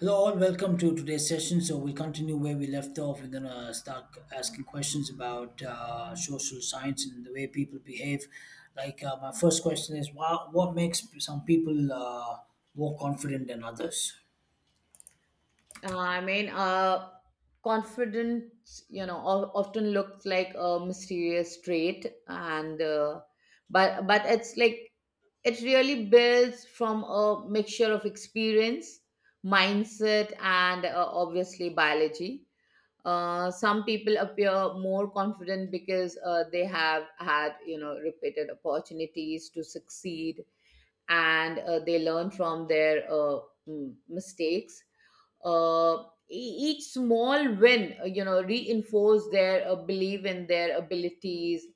Hello, all. Welcome to today's session. So we'll continue where we left off. We're gonna start asking questions about social science and the way people behave. Like my first question is, what makes some people more confident than others? Uh, I mean, uh, confidence, often looks like a mysterious trait, and but it's like it really builds from a mixture of experience, mindset, and obviously biology. Some people appear more confident because they have had, you know, repeated opportunities to succeed, and they learn from their mistakes. uh, each small win, you know, reinforce their belief in their abilities,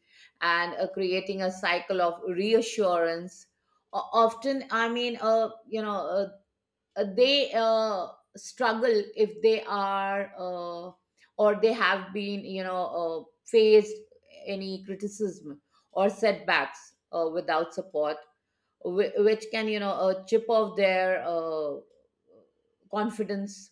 and creating a cycle of reassurance. Often they struggle if they are or they have been, faced any criticism or setbacks without support, which can, chip off their confidence.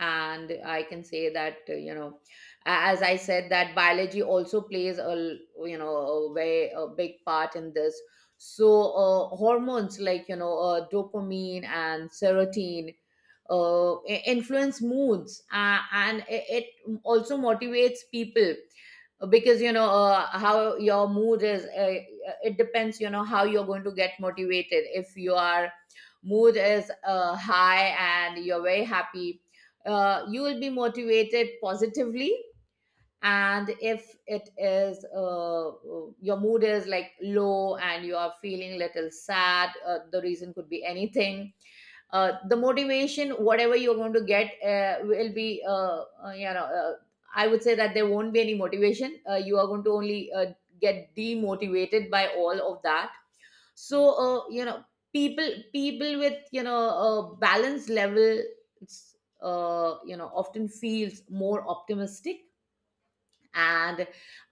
And I can say that, you know, as I said, that biology also plays a you know, a way a big part in this. So hormones like, dopamine and serotonin influence moods, and it also motivates people, because you know, how your mood is, it depends, you know, how you're going to get motivated. If your mood is high and you're very happy, you will be motivated positively. And if it is your mood is like low and you are feeling little sad, the reason could be anything. The motivation, whatever you're going to get, will be I would say that there won't be any motivation. You are going to only get demotivated by all of that. So, you know, people with, you know, a balance level, you know, often feels more optimistic and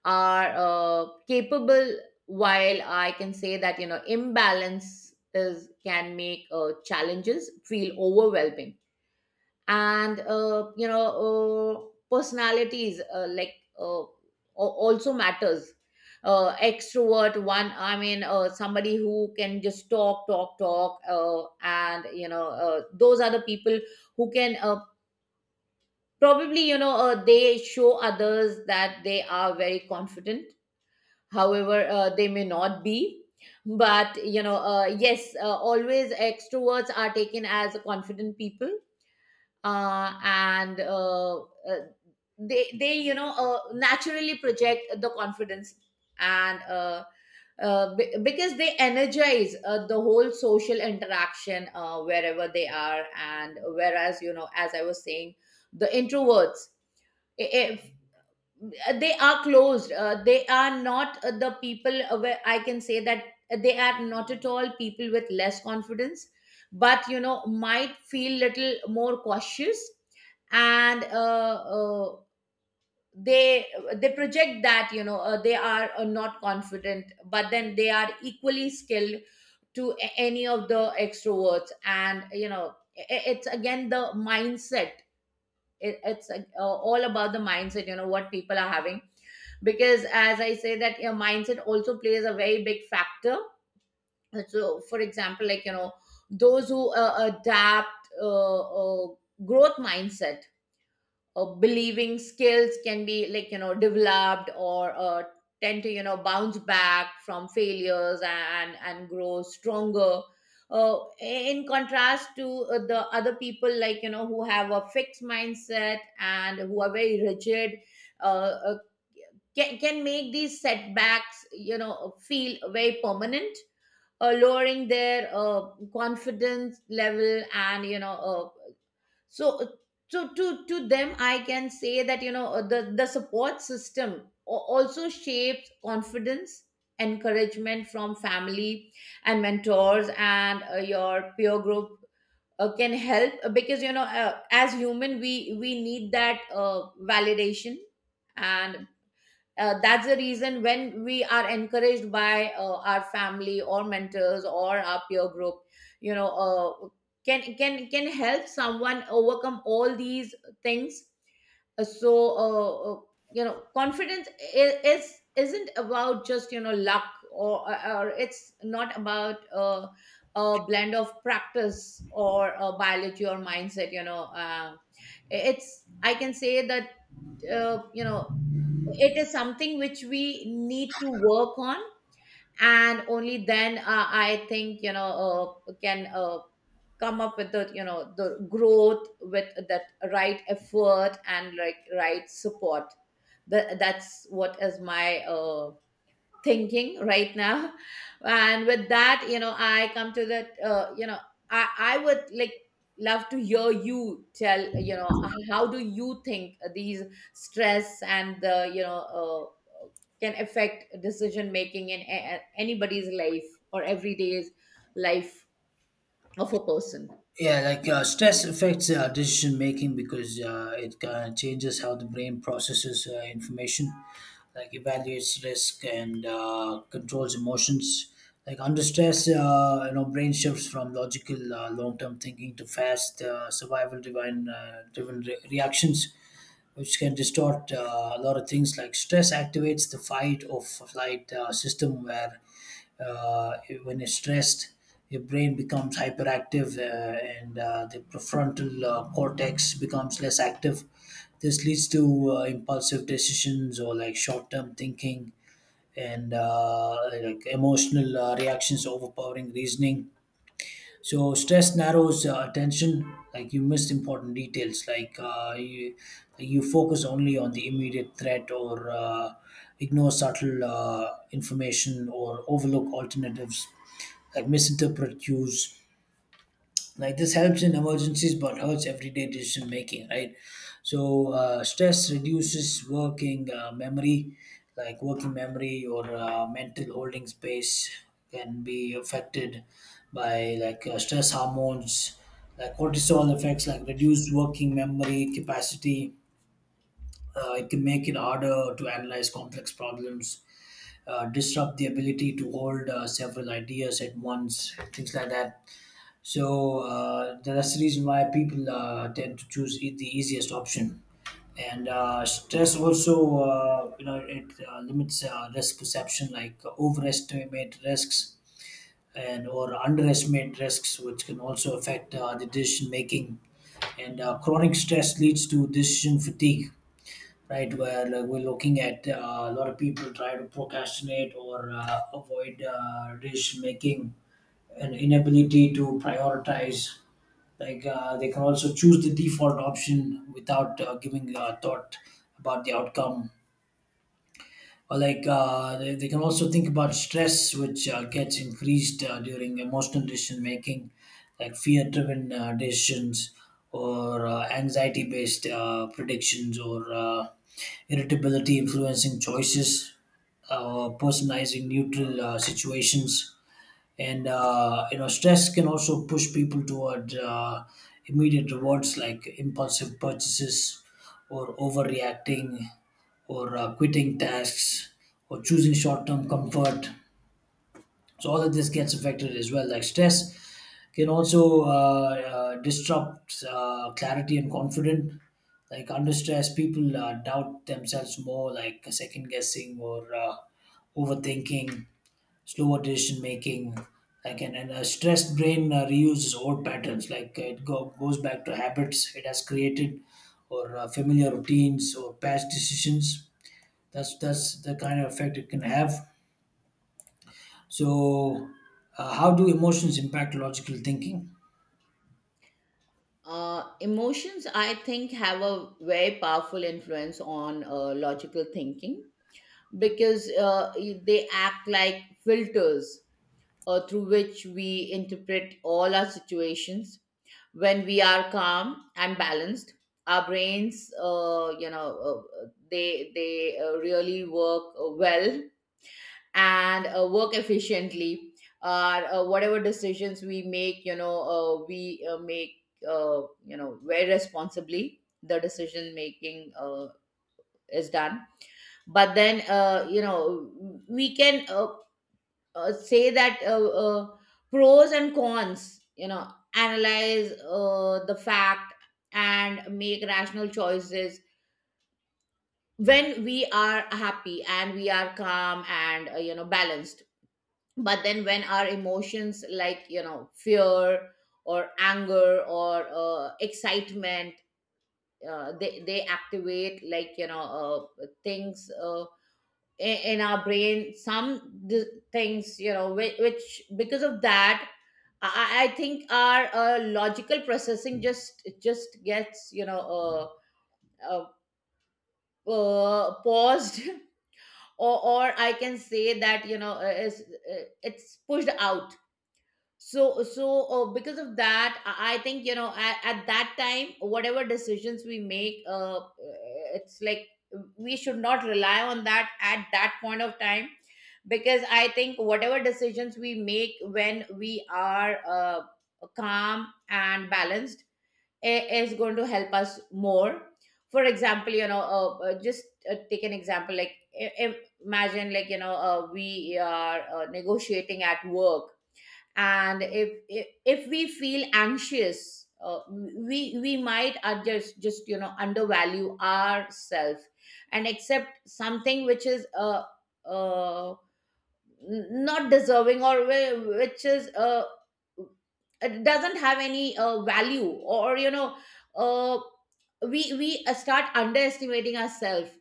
are capable, while I can say that, you know, imbalance is can make challenges feel overwhelming. And, you know, personalities, like, also matters. Extrovert one, I mean, somebody who can just talk, talk, talk, and, you know, those are the people who can probably, you know, they show others that they are very confident. However, they may not be. But, you know, yes, always extroverts are taken as confident people, and they, you know, naturally project the confidence, and because they energize the whole social interaction wherever they are. And whereas, you know, as I was saying, the introverts, if they are closed, they are not the people where I can say that they are not at all people with less confidence, but, you know, might feel little more cautious. And they they project that, you know, they are not confident, but then they are equally skilled to any of the extroverts. And, you know, it's again the mindset. It's all about the mindset, you know, what people are having, because as I say that your mindset also plays a very big factor. So, for example, like, you know, those who adapt uh, growth mindset, believing skills can be, like, you know, developed, or tend to, you know, bounce back from failures and grow stronger. In contrast to the other people, like, you know, who have a fixed mindset and who are very rigid, uh, uh, can make these setbacks, you know, feel very permanent, lowering their confidence level. And, you know uh, so to them I can say that, you know, the support system also shapes confidence. Encouragement from family and mentors and your peer group can help, because, you know, as human, we need that validation. And that's the reason when we are encouraged by our family or mentors or our peer group, you know, can help someone overcome all these things. So, you know, confidence I- is isn't about just, you know, luck, or or it's not about a blend of practice or biology or mindset. You know, it's I can say that, you know, it is something which we need to work on, and only then, I think, you know, can come up with the, you know, the growth with that right effort and like right support. That's what is my thinking right now. And with that, you know, I come to that, you know, I would love to hear you tell, you know, how do you think these stress and the, you know, can affect decision making in anybody's life or everyday's life of a person. Yeah, like stress affects decision making because it kind of changes how the brain processes information, like evaluates risk and controls emotions. Like under stress, you know, brain shifts from logical long-term thinking to fast survival-driven reactions, which can distort a lot of things. Like stress activates the fight or flight system where uh, when you're stressed, your brain becomes hyperactive and the prefrontal cortex becomes less active. This leads to impulsive decisions or like short term thinking and like emotional reactions overpowering reasoning. So stress narrows attention. Like you miss important details. Like you focus only on the immediate threat, or ignore subtle information, or overlook alternatives. Like misinterpret cues, like this helps in emergencies but hurts everyday decision making, right? So stress reduces working memory. Like working memory or mental holding space can be affected by like stress hormones like cortisol effects, like reduced working memory capacity. Uh, it can make it harder to analyze complex problems, disrupt the ability to hold several ideas at once, things like that. So that's the reason why people tend to choose the easiest option. And stress also, you know, it limits risk perception, like overestimate risks and or underestimate risks, which can also affect the decision making. And chronic stress leads to decision fatigue, right? Where like, we're looking at a lot of people try to procrastinate or avoid decision making, an inability to prioritize, like they can also choose the default option without giving thought about the outcome. Or like they can also think about stress, which gets increased during emotional decision making, like fear driven decisions or anxiety based predictions, or irritability influencing choices, personalizing neutral situations. And you know, stress can also push people toward immediate rewards, like impulsive purchases or overreacting or quitting tasks or choosing short-term comfort. So all of this gets affected as well. Like stress can also disrupt clarity and confidence. Like under stress, people doubt themselves more, like second guessing or overthinking, slower decision making. Like and a stressed brain reuses old patterns, like goes back to habits it has created or familiar routines or past decisions. That's the kind of effect it can have. So how do emotions impact logical thinking? Emotions, I think, have a very powerful influence on logical thinking, because they act like filters through which we interpret all our situations. When we are calm and balanced, our brains, you know, they really work well and work efficiently. Whatever decisions we make, you know, we make, uh, you know, very responsibly. The decision making is done. But then, you know, we can say that, pros and cons, you know, analyze the fact and make rational choices when we are happy and we are calm and, you know, balanced. But then, when our emotions, like, you know, fear or anger or excitement, they activate, like, you know, things, in our brain some things, you know, which, because of that, i, I think our logical processing just, it just gets, you know, uh, paused or, I can say that, you know, it's pushed out. So, because of that, I think, you know, at that time, whatever decisions we make, it's like, we should not rely on that at that point of time, because I think whatever decisions we make when we are calm and balanced is going to help us more. For example, you know, just take an example. Like i- im- imagine, like, you know, we are negotiating at work, and if we feel anxious, we might are just, you know, undervalue ourselves and accept something which is uh n- not deserving, or which is it doesn't have any value, or, you know, uh, we start underestimating ourselves.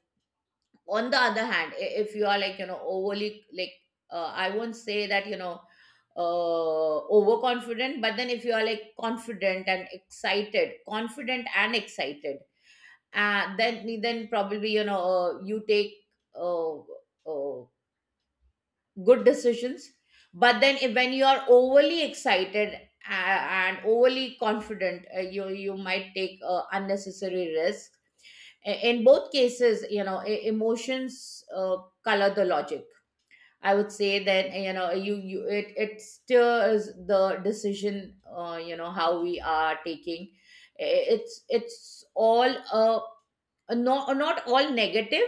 On the other hand, if you are, like, you know, overly like, I won't say that, you know, overconfident. But then, if you are like confident and excited, then probably, you know, you take uh, uh, good decisions. But then, if, when you are overly excited and overly confident, you might take unnecessary risks. In both cases, you know, emotions color the logic. I would say that, you know, you it it stirs the decision, you know, how we are taking. I- it's all, not all negative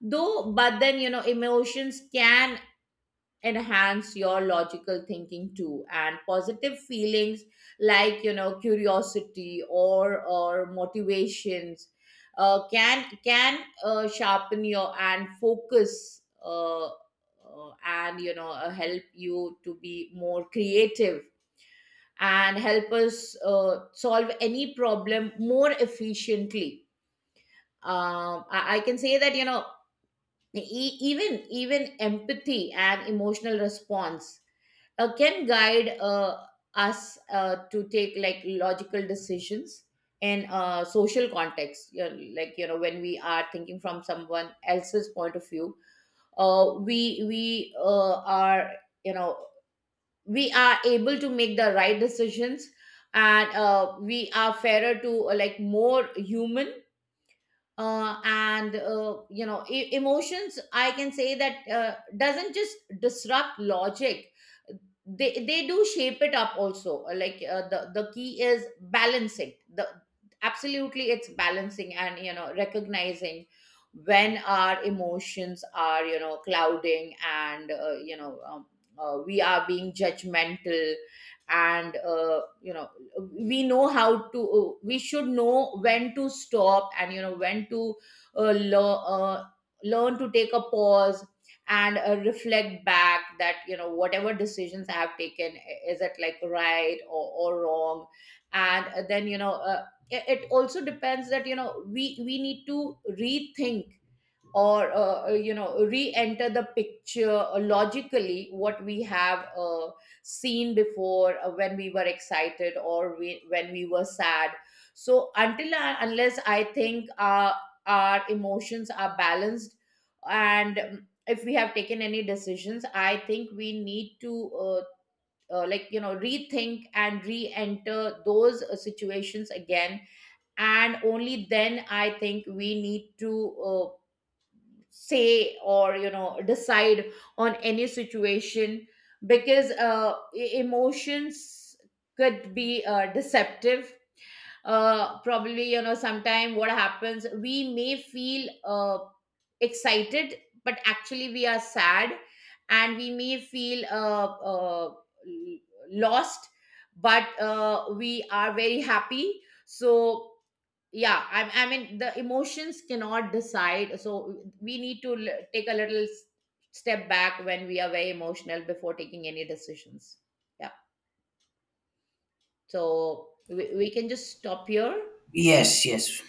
though. But then, you know, emotions can enhance your logical thinking too, and positive feelings, like, you know, curiosity or motivations, can sharpen your and focus, and, you know, help you to be more creative and help us solve any problem more efficiently. I can say that, you know, even empathy and emotional response can guide us to take, like, logical decisions in social context, you know, like, you know, when we are thinking from someone else's point of view, we are, you know, we are able to make the right decisions, and we are fairer to, like, more human. And, you know, emotions, I can say that, doesn't just disrupt logic. They do shape it up also. Like, the key is balancing the absolutely, it's balancing and, you know, recognizing when our emotions are, you know, clouding and, you know, we are being judgmental. And, you know, we know how to, we should know when to stop and, you know, when to uh, lear- uh, learn to take a pause and reflect back that, you know, whatever decisions I have taken is it, like, right or wrong. And then, you know, it also depends that, you know, we need to rethink or, you know, re-enter the picture, logically what we have seen before, when we were excited or when we were sad. So until unless I think our emotions are balanced and, if we have taken any decisions, I think we need to like, you know, rethink and re-enter those situations again, and only then I think we need to say, or, you know, decide on any situation. Because emotions could be deceptive. Probably, you know, sometime what happens, we may feel excited, but actually we are sad. And we may feel lost, but we are very happy. So yeah, I mean, the emotions cannot decide, so we need to take a little step back when we are very emotional before taking any decisions. Yeah. So we can just stop here. Yes, yes.